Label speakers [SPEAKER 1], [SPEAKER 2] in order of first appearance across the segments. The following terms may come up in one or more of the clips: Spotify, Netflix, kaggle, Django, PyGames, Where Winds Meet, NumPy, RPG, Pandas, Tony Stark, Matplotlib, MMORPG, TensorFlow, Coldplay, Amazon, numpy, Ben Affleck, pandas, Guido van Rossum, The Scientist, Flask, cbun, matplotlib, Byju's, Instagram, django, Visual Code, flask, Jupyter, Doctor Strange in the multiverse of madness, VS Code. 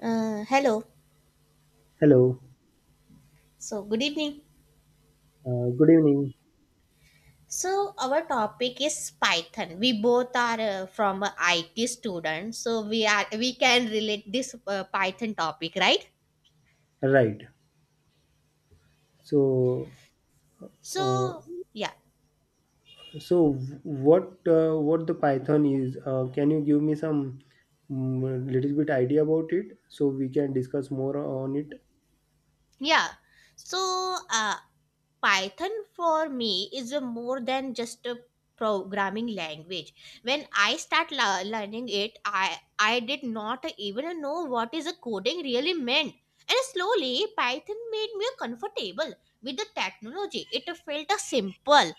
[SPEAKER 1] Hello.
[SPEAKER 2] Hello,
[SPEAKER 1] So, good evening.
[SPEAKER 2] good evening.
[SPEAKER 1] So, our topic is Python. We both are from a IT students, so we can relate this Python topic, right?
[SPEAKER 2] Right. So, uh,
[SPEAKER 1] So, yeah.
[SPEAKER 2] so what the Python is? Can you give me some little bit idea about it so we can discuss more on it?
[SPEAKER 1] Yeah. So, uh, Python for me is a more than just a programming language. When I start learning it, I did not even know what is a coding really meant. And slowly, Python made me comfortable with the technology. It felt simple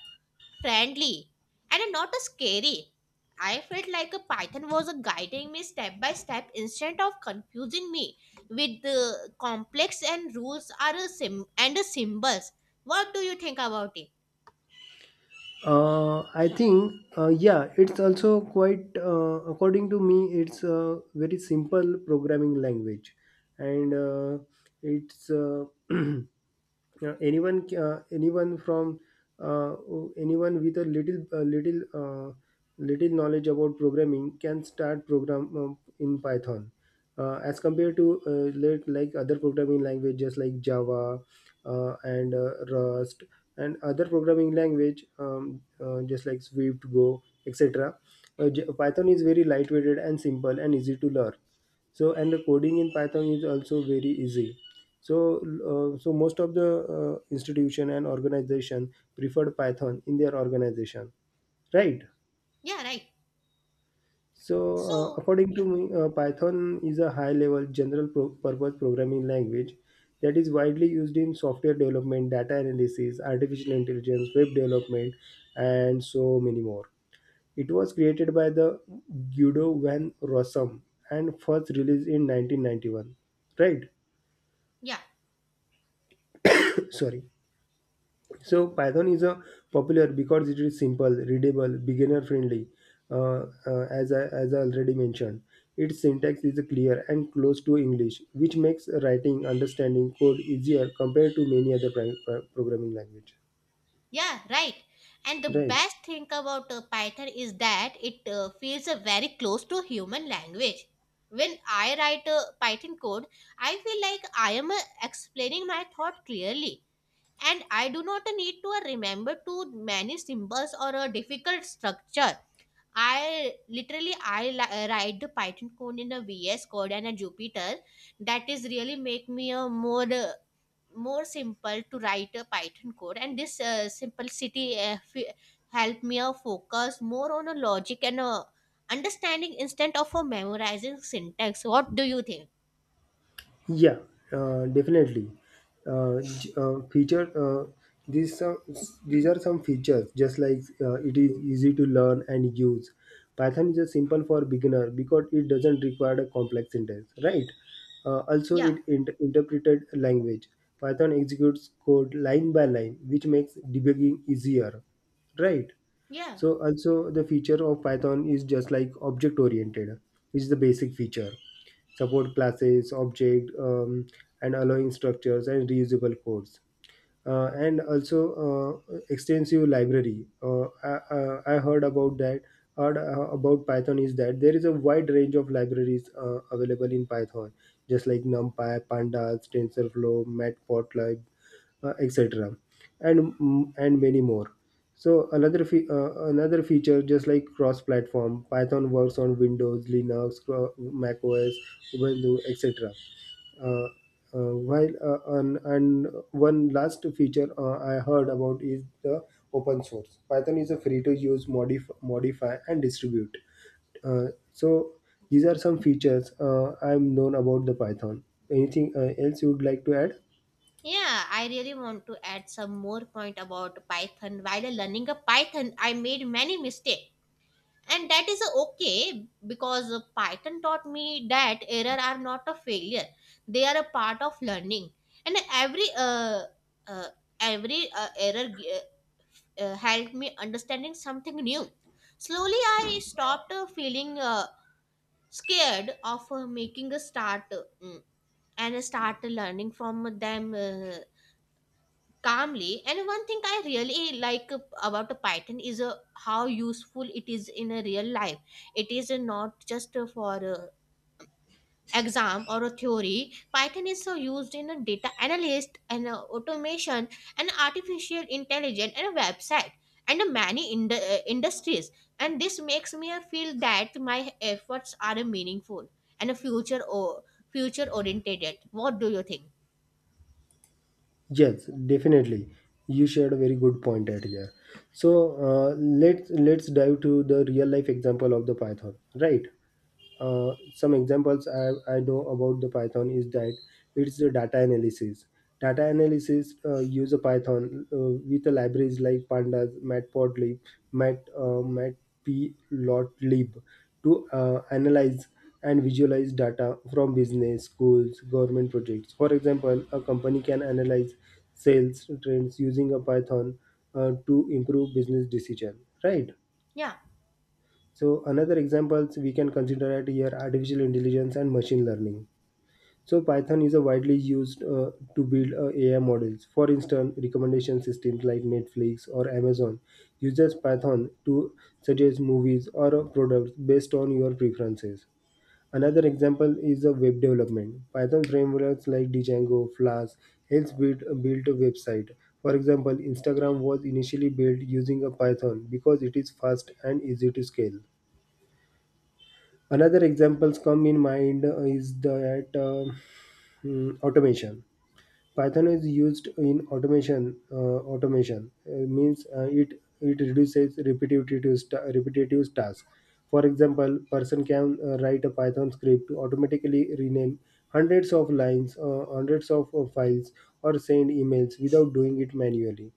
[SPEAKER 1] friendly, and not scary. I felt like a python was guiding me step by step instead of confusing me with the complex and rules are a sim- and the symbols. What do you think about it?
[SPEAKER 2] I think yeah, it's also quite according to me, it's a very simple programming language, and it's yeah, anyone from uh, anyone with a little knowledge about programming can start program in Python, as compared to like other programming languages like Java, and Rust, and other programming language, just like Swift, Go, etc. Python is very lightweighted and simple and easy to learn, so, and the coding in Python is also very easy. So most of the institution and organization preferred Python in their organization, right?
[SPEAKER 1] Yeah, right.
[SPEAKER 2] So,
[SPEAKER 1] So,
[SPEAKER 2] according to
[SPEAKER 1] yeah,
[SPEAKER 2] me, Python is a high-level general purpose programming language that is widely used in software development, data analysis, artificial intelligence, web development, and so many more. It was created by the Guido van Rossum and first released in 1991, right?
[SPEAKER 1] yeah,
[SPEAKER 2] Sorry. So Python is a popular because it is simple, readable, beginner friendly. As I already mentioned, its syntax is clear and close to English, which makes writing understanding code easier compared to many other programming language.
[SPEAKER 1] yeah, right. And the
[SPEAKER 2] Right.
[SPEAKER 1] best thing about Python is that it feels very close to human language. When I write a Python code, I feel like I am explaining my thought clearly and I do not need to remember too many symbols or a difficult structure. I write the Python code in a VS Code and a Jupyter. That is really make me a more simple to write a Python code, and this simplicity help me focus more on a logic and a understanding instead of a memorizing syntax. What do you think?
[SPEAKER 2] Yeah, definitely. J- feature these some these are some features just like it is easy to learn and use. Python is a simple for beginner because it doesn't require a complex syntax, right? Also, it
[SPEAKER 1] Yeah,
[SPEAKER 2] int- interpreted language. Python executes code line by line, which makes debugging easier, right?
[SPEAKER 1] yeah.
[SPEAKER 2] So also the feature of Python is just like object oriented, which is the basic feature. Support classes, object, and allowing structures and reusable codes, and also extensive library. I heard about that. Heard about Python is that there is a wide range of libraries available in Python, just like NumPy, Pandas, TensorFlow, Matplotlib, etc., and many more. So another feature, just like cross-platform, Python works on Windows, Linux, Mac OS, Ubuntu, etc., uh, and one last feature I heard about is the open source. Python is a free to use, modify, and distribute. Uh, so these are some features I'm known about the Python. Anything else you would like to add?
[SPEAKER 1] Yeah, I really want to add some more point about Python. While learning a Python, I made many mistakes. And that is okay because Python taught me that error are not a failure. They are a part of learning. And uh, every error uh, helped me understanding something new. Slowly, I stopped feeling scared of making a start and start learning from them. Calmly. And one thing I really like about a Python is how useful it is in a real life. It is not just for exam or a theory. Python is so used in a data analyst and automation and artificial intelligence and a website and many in industries, and this makes me feel that my efforts are meaningful and a future oriented. What do you think?
[SPEAKER 2] Yes, definitely. You shared a very good point at here. So let's dive to the real life example of the Python, right? Some examples I know about the Python is that it's the data analysis. Data analysis use a Python with the libraries like Pandas, Matplotlib, Matplotlib, to analyze and visualize data from business, schools, government projects. For example, a company can analyze sales trends using a Python, to improve business decision. Right.
[SPEAKER 1] Yeah.
[SPEAKER 2] So another examples we can consider at here, artificial intelligence and machine learning. So Python is a widely used to build AI models. For instance, recommendation systems like Netflix or Amazon uses Python to suggest movies or products based on your preferences. Another example is the web development. Python frameworks like Django, Flask helps build a website. For example, Instagram was initially built using a Python because it is fast and easy to scale. Another examples come in mind is that automation. Python is used in automation. Automation means it reduces repetitive tasks. For example, person can write a Python script to automatically rename hundreds of files, or send emails without doing it manually.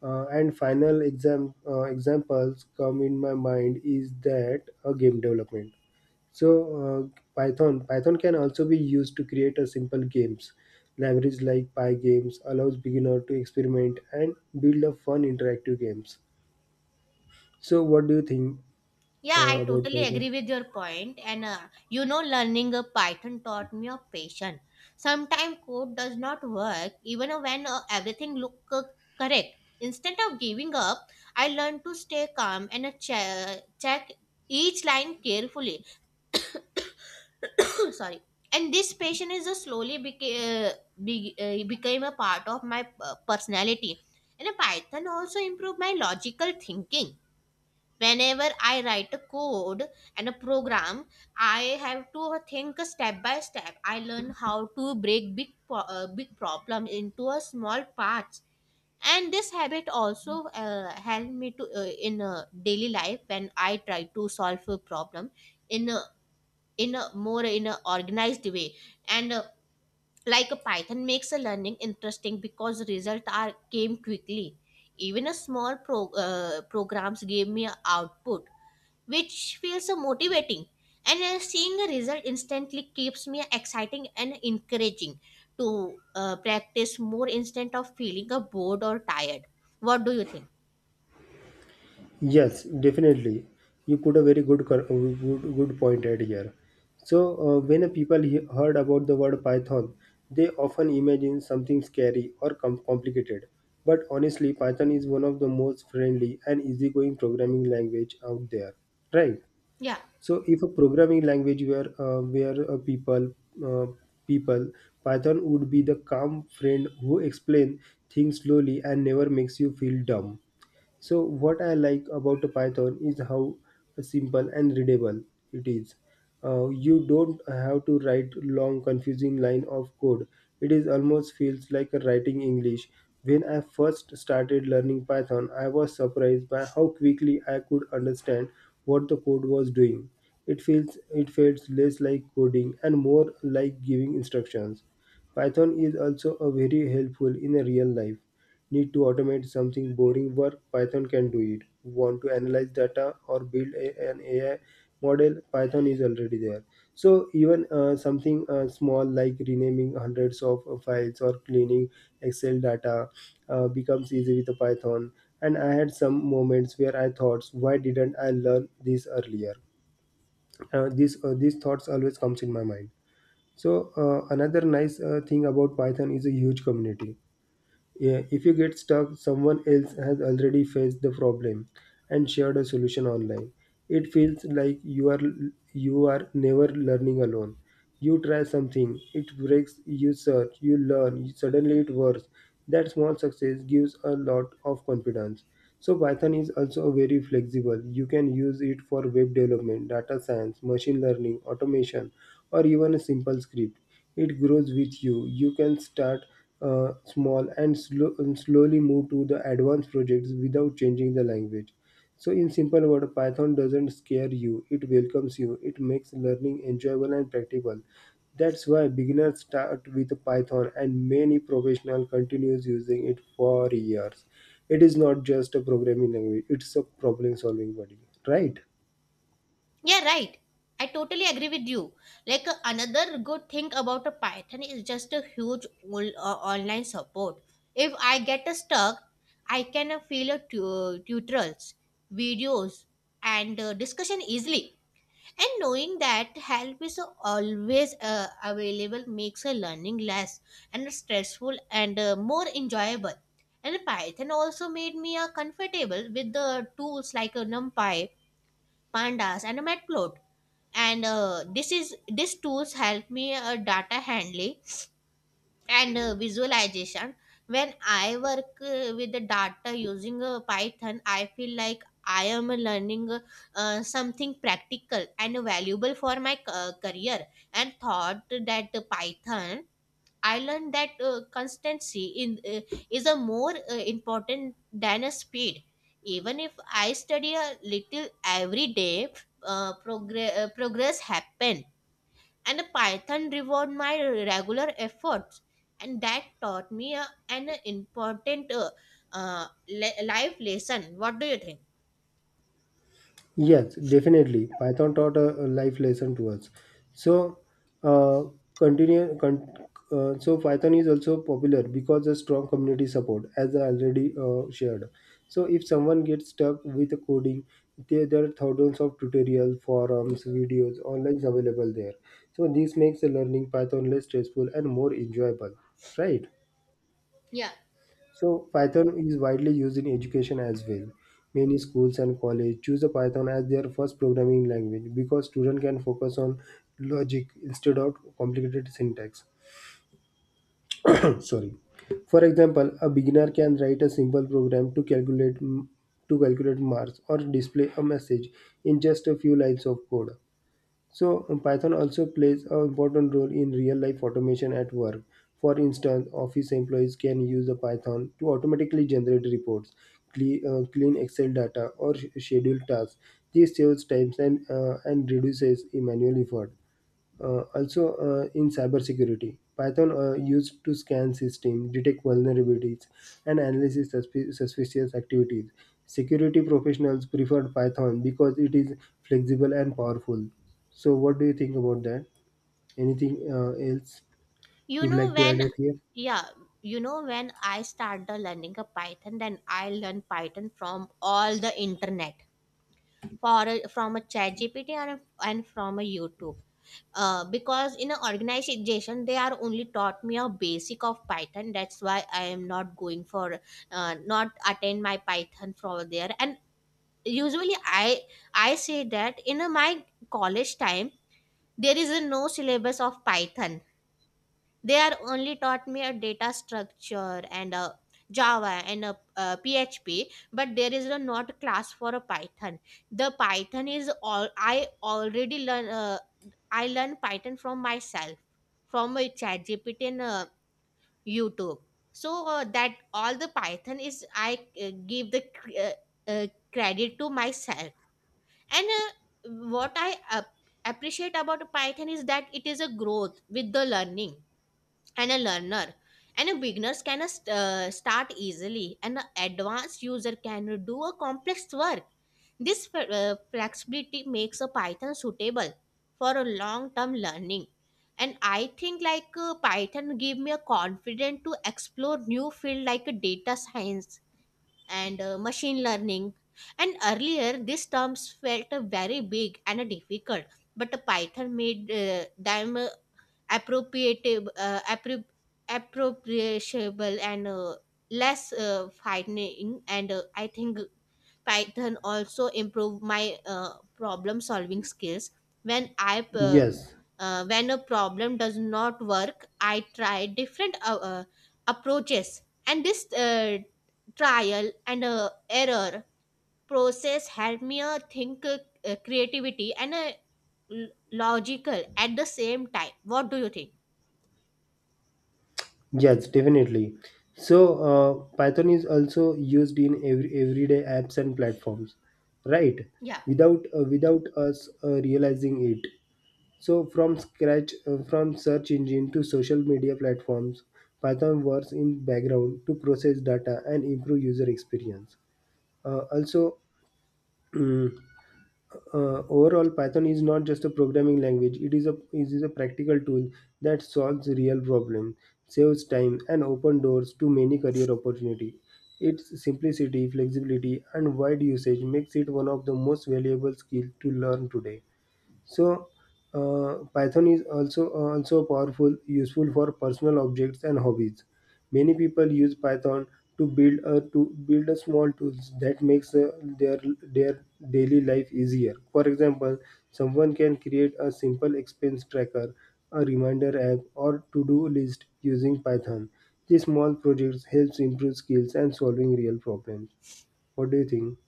[SPEAKER 2] And final examples come in my mind is that a game development. So Python can also be used to create a simple games. Libraries like PyGames allows beginner to experiment and build a fun interactive games. So what do you think
[SPEAKER 1] Yeah, I
[SPEAKER 2] about
[SPEAKER 1] totally
[SPEAKER 2] Python?
[SPEAKER 1] agree with your point. And learning a Python taught me a patience. Sometimes code does not work, even when everything look correct. Instead of giving up, I learned to stay calm and check each line carefully. Sorry. And this patience is slowly became a part of my personality. And Python also improved my logical thinking. Whenever I write a code and a program, I have to think step by step. I learn how to break big problem into a small parts, and this habit also helped me to in a daily life when I try to solve a problem in a more in a organized way. And like a Python makes a learning interesting because results are came quickly. Even a small programs gave me a output, which feels so motivating. And seeing a result instantly keeps me exciting and encouraging to practice more instead of feeling bored or tired. What do you think?
[SPEAKER 2] Yes, definitely. You put a very good good point at here. So when a people heard about the word Python, they often imagine something scary or complicated. But honestly, Python is one of the most friendly and easygoing programming language out there, right?
[SPEAKER 1] Yeah,
[SPEAKER 2] So if a programming language were where a people uh, people Python would be the calm friend who explain things slowly and never makes you feel dumb. So, what I like about the Python is how simple and readable it is. You don't have to write long, confusing line of code. It is almost feels like writing English. When I first started learning Python, I was surprised by how quickly I could understand what the code was doing. It feels less like coding and more like giving instructions. Python is also a very helpful in a real life. Need to automate something boring work? Python can do it. Want to analyze data or build a- an AI model? Python is already there. So even something small like renaming hundreds of files or cleaning Excel data becomes easy with the Python. And I had some moments where I thought, why didn't I learn this earlier? This these thoughts always comes in my mind. So another nice thing about Python is a huge community. Yeah, if you get stuck, someone else has already faced the problem and shared a solution online. It feels like you are never learning alone. You try something, it breaks, you search, you learn, suddenly it works. That small success gives a lot of confidence. So Python is also very flexible. You can use it for web development, data science, machine learning, automation, or even a simple script. It grows with you. You can start small and slow, and slowly move to the advanced projects without changing the language. So, in simple words, Python doesn't scare you, it welcomes you, it makes learning enjoyable and practical. That's why beginners start with Python and many professionals continues using it for years. It is not just a programming language, it's a problem solving body, right?
[SPEAKER 1] yeah, right. I totally agree with you. Like another good thing about a Python is just a huge online support. If I get stuck, I can feel tutorials, videos, and discussion easily, and knowing that help is always available makes a learning less and stressful and more enjoyable. And Python also made me comfortable with the tools like numpy, pandas, and matplot. And this is these tools help me data handling and visualization. When I work with the data using python, I feel like I am learning something practical and valuable for my career. And thought that python, I learned that constancy in is a more important than a speed. Even if I study a little every day, progress happen, and a python reward my regular efforts, and that taught me a, an important life lesson. What do you think?
[SPEAKER 2] Yes, definitely. Python taught a life lesson to us. So, uh, continue. Con- so Python is also popular because of strong community support, as I already shared. So, if someone gets stuck with the coding, there are thousands of tutorials, forums, videos, online available there. So, this makes the learning Python less stressful and more enjoyable, right?
[SPEAKER 1] Yeah.
[SPEAKER 2] So Python is widely used in education as well. Many schools and colleges choose the Python as their first programming language because students can focus on logic instead of complicated syntax. Sorry. For example, a beginner can write a simple program to calculate marks or display a message in just a few lines of code. So Python also plays an important role in real life automation at work. For instance, office employees can use the Python to automatically generate reports, clean Excel data, or schedule tasks. This saves time and reduces manual effort. Also, in cybersecurity, Python used to scan system, detect vulnerabilities, and analyze suspicious activities. Security professionals preferred Python because it is flexible and powerful. So, what do you think about that? Anything else
[SPEAKER 1] you
[SPEAKER 2] you'd
[SPEAKER 1] know
[SPEAKER 2] like to
[SPEAKER 1] when
[SPEAKER 2] add it here?
[SPEAKER 1] Yeah, you know when I started learning a Python, then I learned Python from all the internet, for a, from a chat gpt and from a YouTube, because in an organization they are only taught me a basic of Python. That's why I am not going for not attend my Python from there. And usually I say that in a, my college time, there is a no syllabus of Python. They are only taught me a data structure and a java and a, php, but there is a not class for a python. The python is all I already learn I learn python from myself, from a chat gpt and YouTube. So that all the python is I give the uh, credit to myself. And what I appreciate about python is that it is a growth with the learning and a learner, and a beginners can start easily, and an advanced user can do a complex work. This flexibility makes a python suitable for a long term learning. And I think like python give me a confidence to explore new field like data science and machine learning. And earlier these terms felt very big and difficult, but python made them appropriative uh, appro- appropriable and less frightening. And I think python also improve my problem solving skills. When i uh,
[SPEAKER 2] Yes,
[SPEAKER 1] uh, when a problem does not work, I try different approaches, and this trial and error process help me think creativity and logical at the same time. What do you think?
[SPEAKER 2] Yes, definitely. So Python is also used in every everyday apps and platforms, right?
[SPEAKER 1] Yeah.
[SPEAKER 2] Without without us realizing it. So from scratch, from search engine to social media platforms, Python works in background to process data and improve user experience. Also, overall Python is not just a programming language, it is a practical tool that solves real problems, saves time, and opens doors to many career opportunities. Its simplicity, flexibility, and wide usage makes it one of the most valuable skills to learn today. So Python is also also powerful, useful for personal objects and hobbies. Many people use Python to build a small tools that makes their daily life easier. For example, someone can create a simple expense tracker, a reminder app, or to-do list using Python. These small projects helps improve skills and solving real problems. What do you think?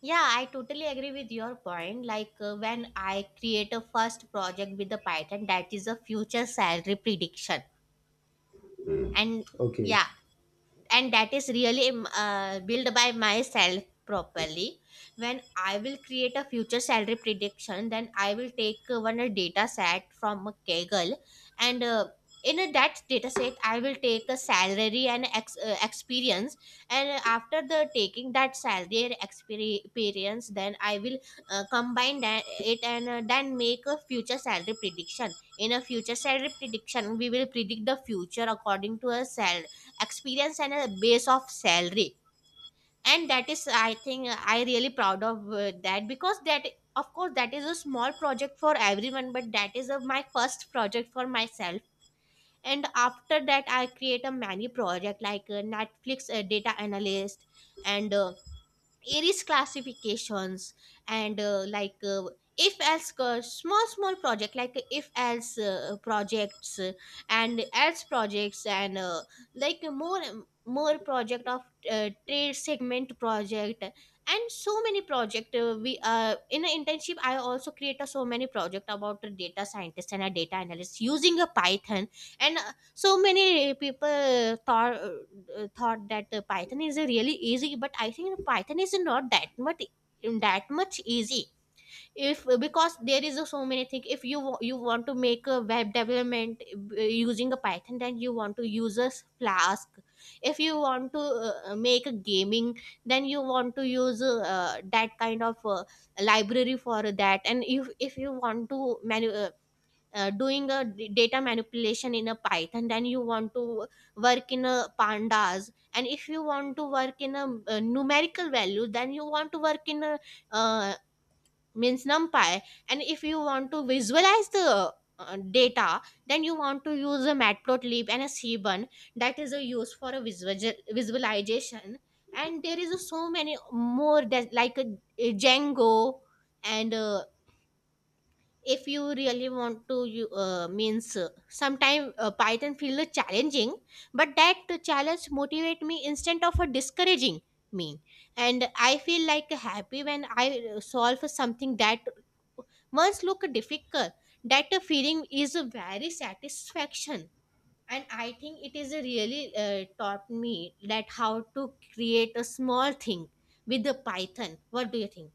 [SPEAKER 1] Yeah, I totally agree with your point. Like when I create a first project with the Python, that is a future salary prediction. And
[SPEAKER 2] Okay.
[SPEAKER 1] yeah, and that is really built by myself properly. When I will create a future salary prediction, then I will take one data set from a Kaggle, and in that data set I will take a salary and experience, and after the taking that salary and experience, then I will combine that it, and then make a future salary prediction. In a future salary prediction, we will predict the future according to a sal experience and a base of salary. And that is, I think, I really proud of that, because that, of course that is a small project for everyone, but that is a, my first project for myself. And after that I create a many project like netflix data analyst and Aries classifications and like if else small small project like if else projects and else projects and like more project of trade segment project, and so many project we in an internship I also create a so many project about a data scientist and a data analyst using a python. And so many people thought that python is a really easy, but I think python is not that much easy. If because there is a so many things, if you you want to make a web development using a python, then you want to use a flask. If you want to make a gaming, then you want to use that kind of library for that. And if you want to doing a data manipulation in a python, then you want to work in a pandas. And if you want to work in a, numerical value, then you want to work in a uh, means numpy. And if you want to visualize the data, then you want to use a matplotlib and a cbun, that is a use for a visualization. And there is a so many more, that like a django and if you really want to you means sometime python feel challenging, but that challenge motivate me instead of discouraging me. And I feel like happy when I solve something that once look difficult. That feeling is a very satisfaction, and I think it is a really taught me that how to create a small thing with the python. What do you think?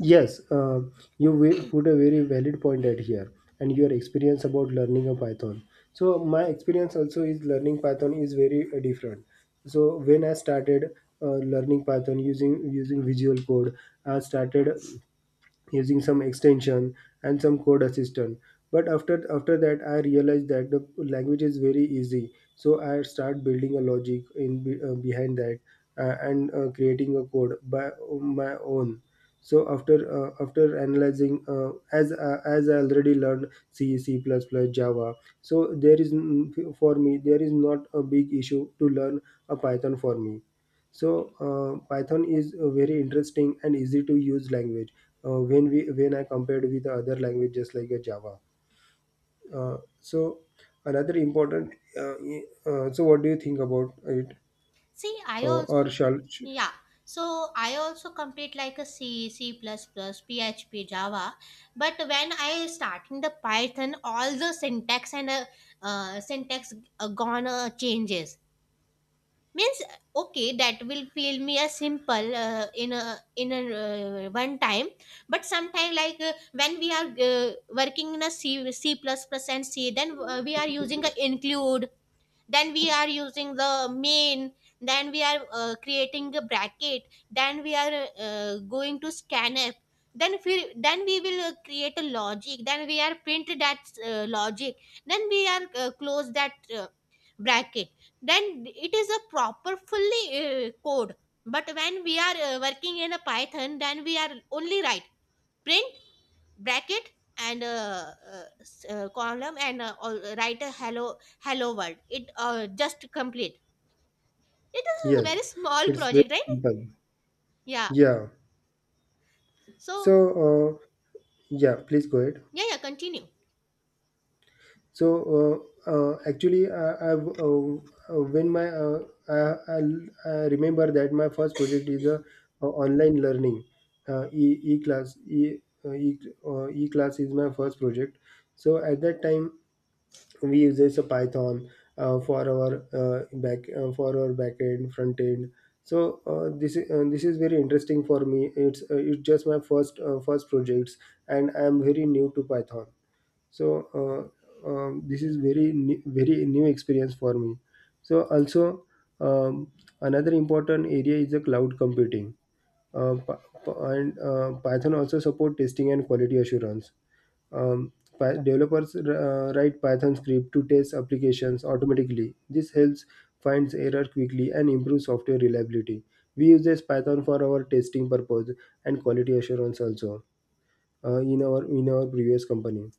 [SPEAKER 2] Yes, you put a very valid point at here and your experience about learning a Python. So my experience also is learning Python is very different. So when I started learning Python using Visual Code, I started using some extension and some code assistant, but after that I realized that the language is very easy, so I start building a logic in behind that, and creating a code by my own. So after analyzing, as I already learned C, C++, Java, so for me there is not a big issue to learn a Python for me. So Python is a very interesting and easy to use language when we when I compared with the other languages like Java. So another important. So what do you think about it?
[SPEAKER 1] See,
[SPEAKER 2] Uh,
[SPEAKER 1] I
[SPEAKER 2] or
[SPEAKER 1] also,
[SPEAKER 2] shall
[SPEAKER 1] yeah. So I also complete like a C, C++, PHP, Java. But when I starting the Python, all the syntax and syntax gone changes. Means okay, that will feel me as simple in a in a one time. But sometime like when we are working in a C C plus plus and C, then we are using a include, then we are using the main, then we are creating a bracket, then we are going to scanf, then if we then we will create a logic, then we are print that logic, then we are close that bracket, then it is a proper fully code. But when we are working in a python, then we are only write print bracket and column and write a hello world, it just complete. It is a
[SPEAKER 2] Yes,
[SPEAKER 1] very small
[SPEAKER 2] it's very
[SPEAKER 1] project, right?
[SPEAKER 2] simple.
[SPEAKER 1] Yeah.
[SPEAKER 2] Yeah.
[SPEAKER 1] So
[SPEAKER 2] So uh, yeah, please go ahead.
[SPEAKER 1] yeah, yeah, continue.
[SPEAKER 2] So actually, I, I've when my I, I, I remember that my first project is online learning, uh, e e class e uh, e e class is my first project. So at that time, we uses a Python for our back end, front end. So this is very interesting for me. It's it's just my first projects, and I am very new to Python. So this is very new experience for me. So also, um, another important area is the cloud computing. Py- Py- and Python also support testing and quality assurance. um, Developers write Python script to test applications automatically. This helps finds error quickly and improves software reliability. We use Python for our testing purpose and quality assurance also in our previous company.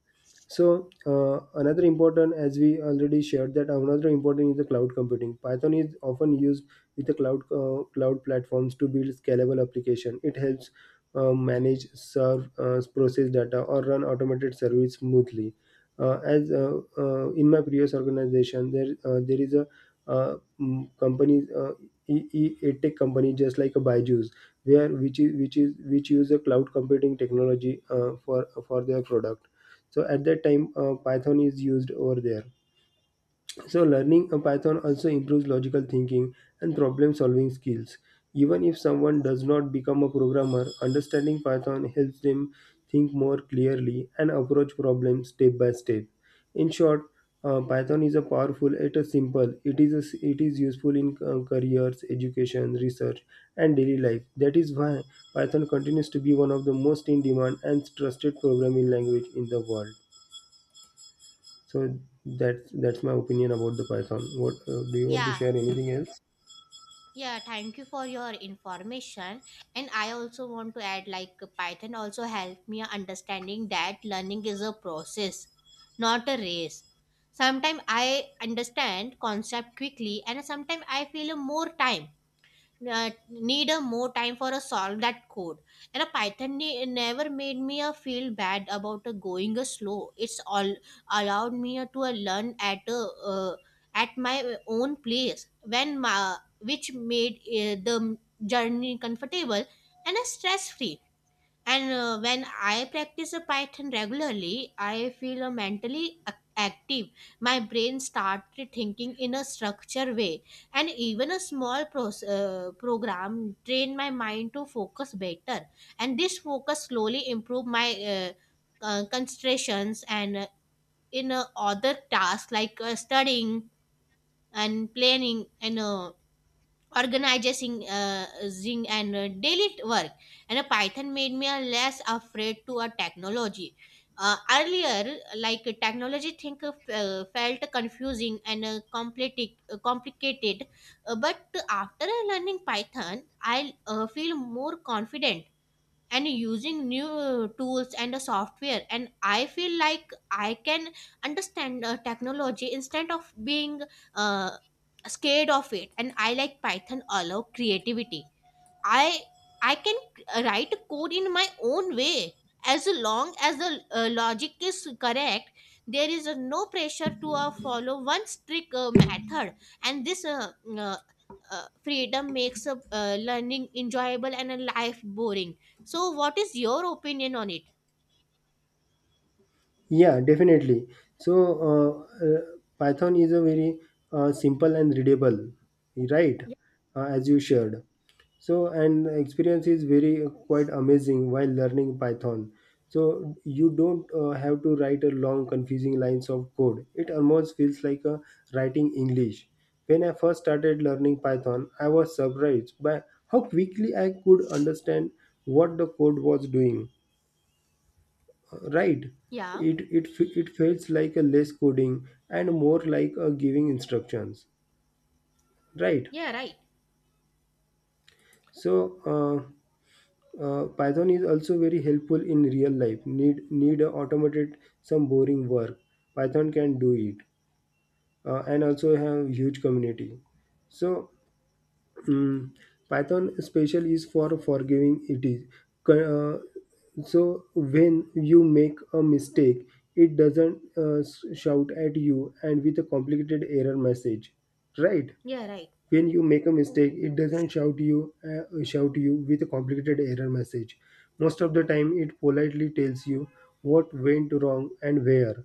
[SPEAKER 2] So another important, as we already shared, that another important is the cloud computing. Python is often used with the cloud platforms to build scalable application. It helps manage, serve, process data, or run automated service smoothly. As In my previous organization, there is a uh, company, edtech company, just like a Byju's, where which use a cloud computing technology for their product. So at that time, Python is used over there. So learning a Python also improves logical thinking and problem solving skills. Even if someone does not become a programmer, understanding Python helps them think more clearly and approach problems step by step. In short, Python is a powerful, it is simple, it is useful in careers, education, research, and daily life. That is why Python continues to be one of the most in demand and trusted programming language in the world. So that's my opinion about the Python. What do you want to share
[SPEAKER 1] Yeah,
[SPEAKER 2] anything else?
[SPEAKER 1] yeah, thank you for your information. And I also want to add like python also helped me understanding that learning is a process, not a race. Sometimes I understand concept quickly and sometimes I feel more time, need a more time for a solve that code. And a python never made me a feel bad about a going a slow. It's all allowed me a to a learn at uh, at my own place when my, which made the journey comfortable and a stress free. And when I practice a Python regularly, I feel mentally active. My brain started thinking in a structured way, and even a small program trained my mind to focus better. And this focus slowly improved my uh, concentrations and in other tasks like studying and planning and organizing zing and daily work. And a python made me a less afraid to a technology. Earlier like technology think of, felt confusing and complicated, but after learning python I feel more confident and using new tools and the software. And I feel like I can understand technology instead of being uh, scared of it. And I like python allow creativity. I I can write code in my own way, as long as the logic is correct. There is no pressure to follow one strict method, and this freedom makes learning enjoyable and a life boring. So, what is your opinion on it?
[SPEAKER 2] Yeah, definitely. So, uh, uh, Python is a very simple and readable, right? As you shared. So, and the experience is very quite amazing while learning Python. So, you don't have to write a long, confusing lines of code. It almost feels like writing English. When I first started learning Python, I was surprised by how quickly I could understand what the code was doing, right?
[SPEAKER 1] Yeah.
[SPEAKER 2] It it feels like a less coding and more like a giving instructions, right?
[SPEAKER 1] Yeah. Right.
[SPEAKER 2] So uh, Python is also very helpful in real life. Need a automated some boring work, Python can do it. And also have huge community. So, mm, Python special is for forgiving it is. Co- so when you make a mistake, it doesn't shout at you and with a complicated error message, right?
[SPEAKER 1] Yeah. Right.
[SPEAKER 2] When you make a mistake, it doesn't shout you with a complicated error message. Most of the time it politely tells you what went wrong and where.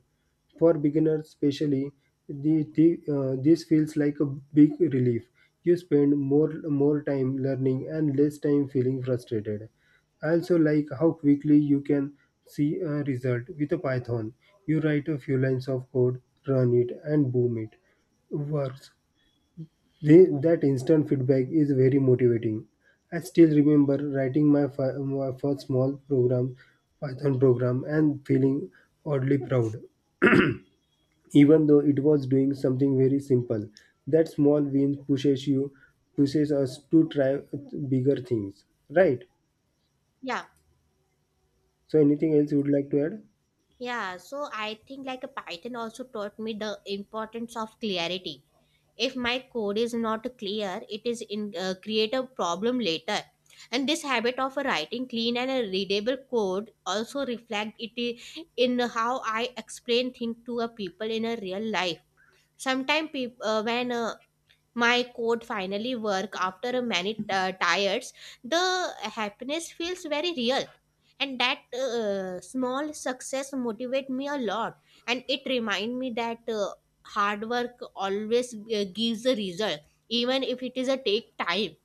[SPEAKER 2] For beginners especially, the, the, this feels like a big relief. You spend more time learning and less time feeling frustrated. I also like how quickly you can see a result with a Python. You write a few lines of code, run it, and boom, it works. That instant feedback is very motivating. I still remember writing my first small program, Python program, and feeling oddly proud, even though it was doing something very simple. That small win pushes you, pushes us to try bigger things, right?
[SPEAKER 1] Yeah.
[SPEAKER 2] So, anything else you would like to add?
[SPEAKER 1] Yeah, so I think like a Python also taught me the importance of clarity. If my code is not clear, it is in create a problem later. And this habit of writing clean and a readable code also reflect it in how I explain things to a people in a real life. Sometimes peop when My code finally work after many tires, the happiness feels very real. And that small success motivate me a lot, and it remind me that hard work always gives a result, even if it is a take time.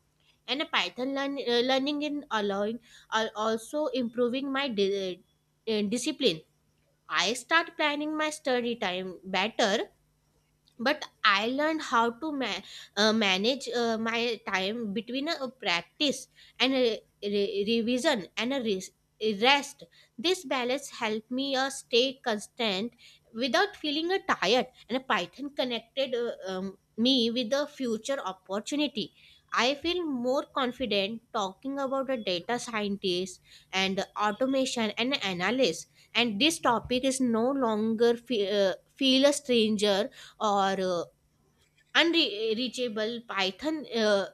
[SPEAKER 1] And a python learning in allowing are also improving my discipline. I start planning my study time better, but I learned how to manage my time between a practice and a revision and a rest. This balance helped me stay constant without feeling tired. And python connected me with the future opportunity. I feel more confident talking about the data scientist and automation and analysis, and this topic is no longer feel a stranger or unreachable. Python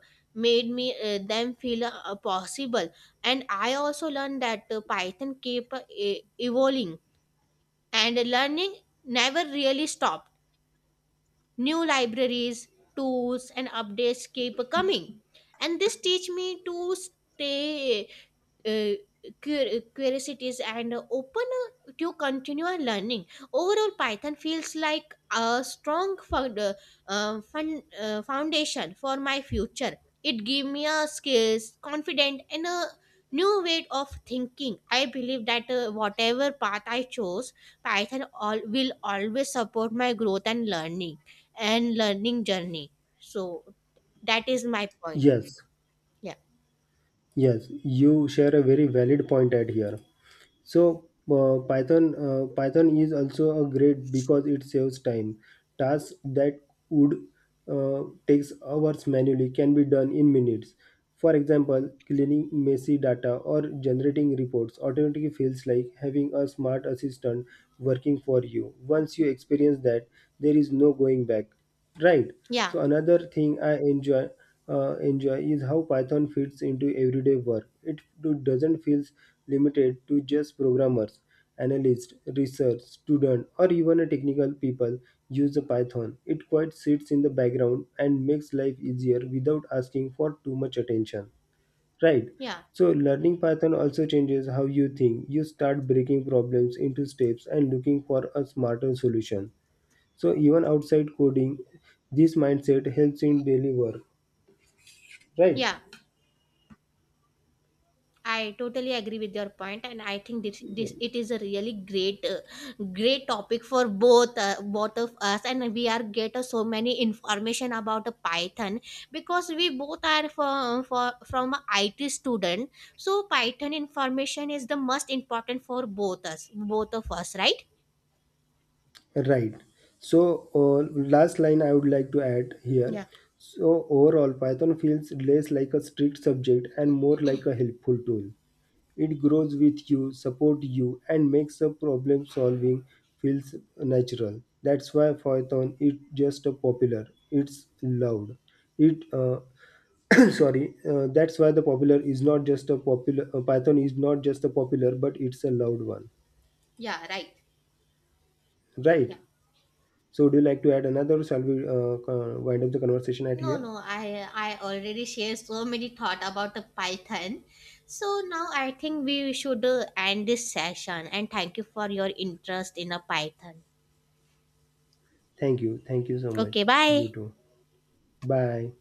[SPEAKER 1] made me them feel possible. And I also learned that python kept evolving, and learning never really stopped. New libraries, tools and updates keep coming, and this teach me to stay uh, curiosities and open to continual learning. Overall, Python feels like a strong foundation for my future. It gave me a skills, confident, and a new way of thinking. I believe that whatever path I chose, Python all will always support my growth and learning journey. So that is my point.
[SPEAKER 2] Yes,
[SPEAKER 1] Yeah,
[SPEAKER 2] yes, you share a very valid point at here. So Python is also a great because it saves time. Tasks that would takes hours manually can be done in minutes. For example, cleaning messy data or generating reports automatically feels like having a smart assistant working for you. Once you experience that, there is no going back. Right.
[SPEAKER 1] yeah,
[SPEAKER 2] So another thing I enjoy is how Python fits into everyday work. It doesn't feel limited to just programmers, analysts, research, student, or even a technical people use the Python. It quite sits in the background and makes life easier without asking for too much attention. Right.
[SPEAKER 1] yeah,
[SPEAKER 2] So learning Python also changes how you think. You start breaking problems into steps and looking for a smarter solution. So even outside coding, this mindset helps in daily work, right?
[SPEAKER 1] yeah. I totally agree with your point, and I think this it is a really great topic for both both of us, and we are get so many information about Python, because we both are from from a IT student. So Python information is the most important for both us, both of us, right?
[SPEAKER 2] Right. So last line I would like to add here.
[SPEAKER 1] Yeah,
[SPEAKER 2] So overall, Python feels less like a strict subject and more like a helpful tool. It grows with you, supports you, and makes the problem solving feels natural. That's why Python is just a popular. It's loud. It sorry. That's why the popular is not just a popular. Python is not just a popular, but it's a loud one,
[SPEAKER 1] yeah, right.
[SPEAKER 2] right?
[SPEAKER 1] Yeah.
[SPEAKER 2] So, would you like to add another? Or shall we wind up the conversation at
[SPEAKER 1] No,
[SPEAKER 2] here?
[SPEAKER 1] no, I already shared so many thought about the Python. So now I think we should end this session, and thank you for your interest in a Python.
[SPEAKER 2] Thank you. Thank you so much.
[SPEAKER 1] Okay,
[SPEAKER 2] You
[SPEAKER 1] bye.
[SPEAKER 2] too. Bye.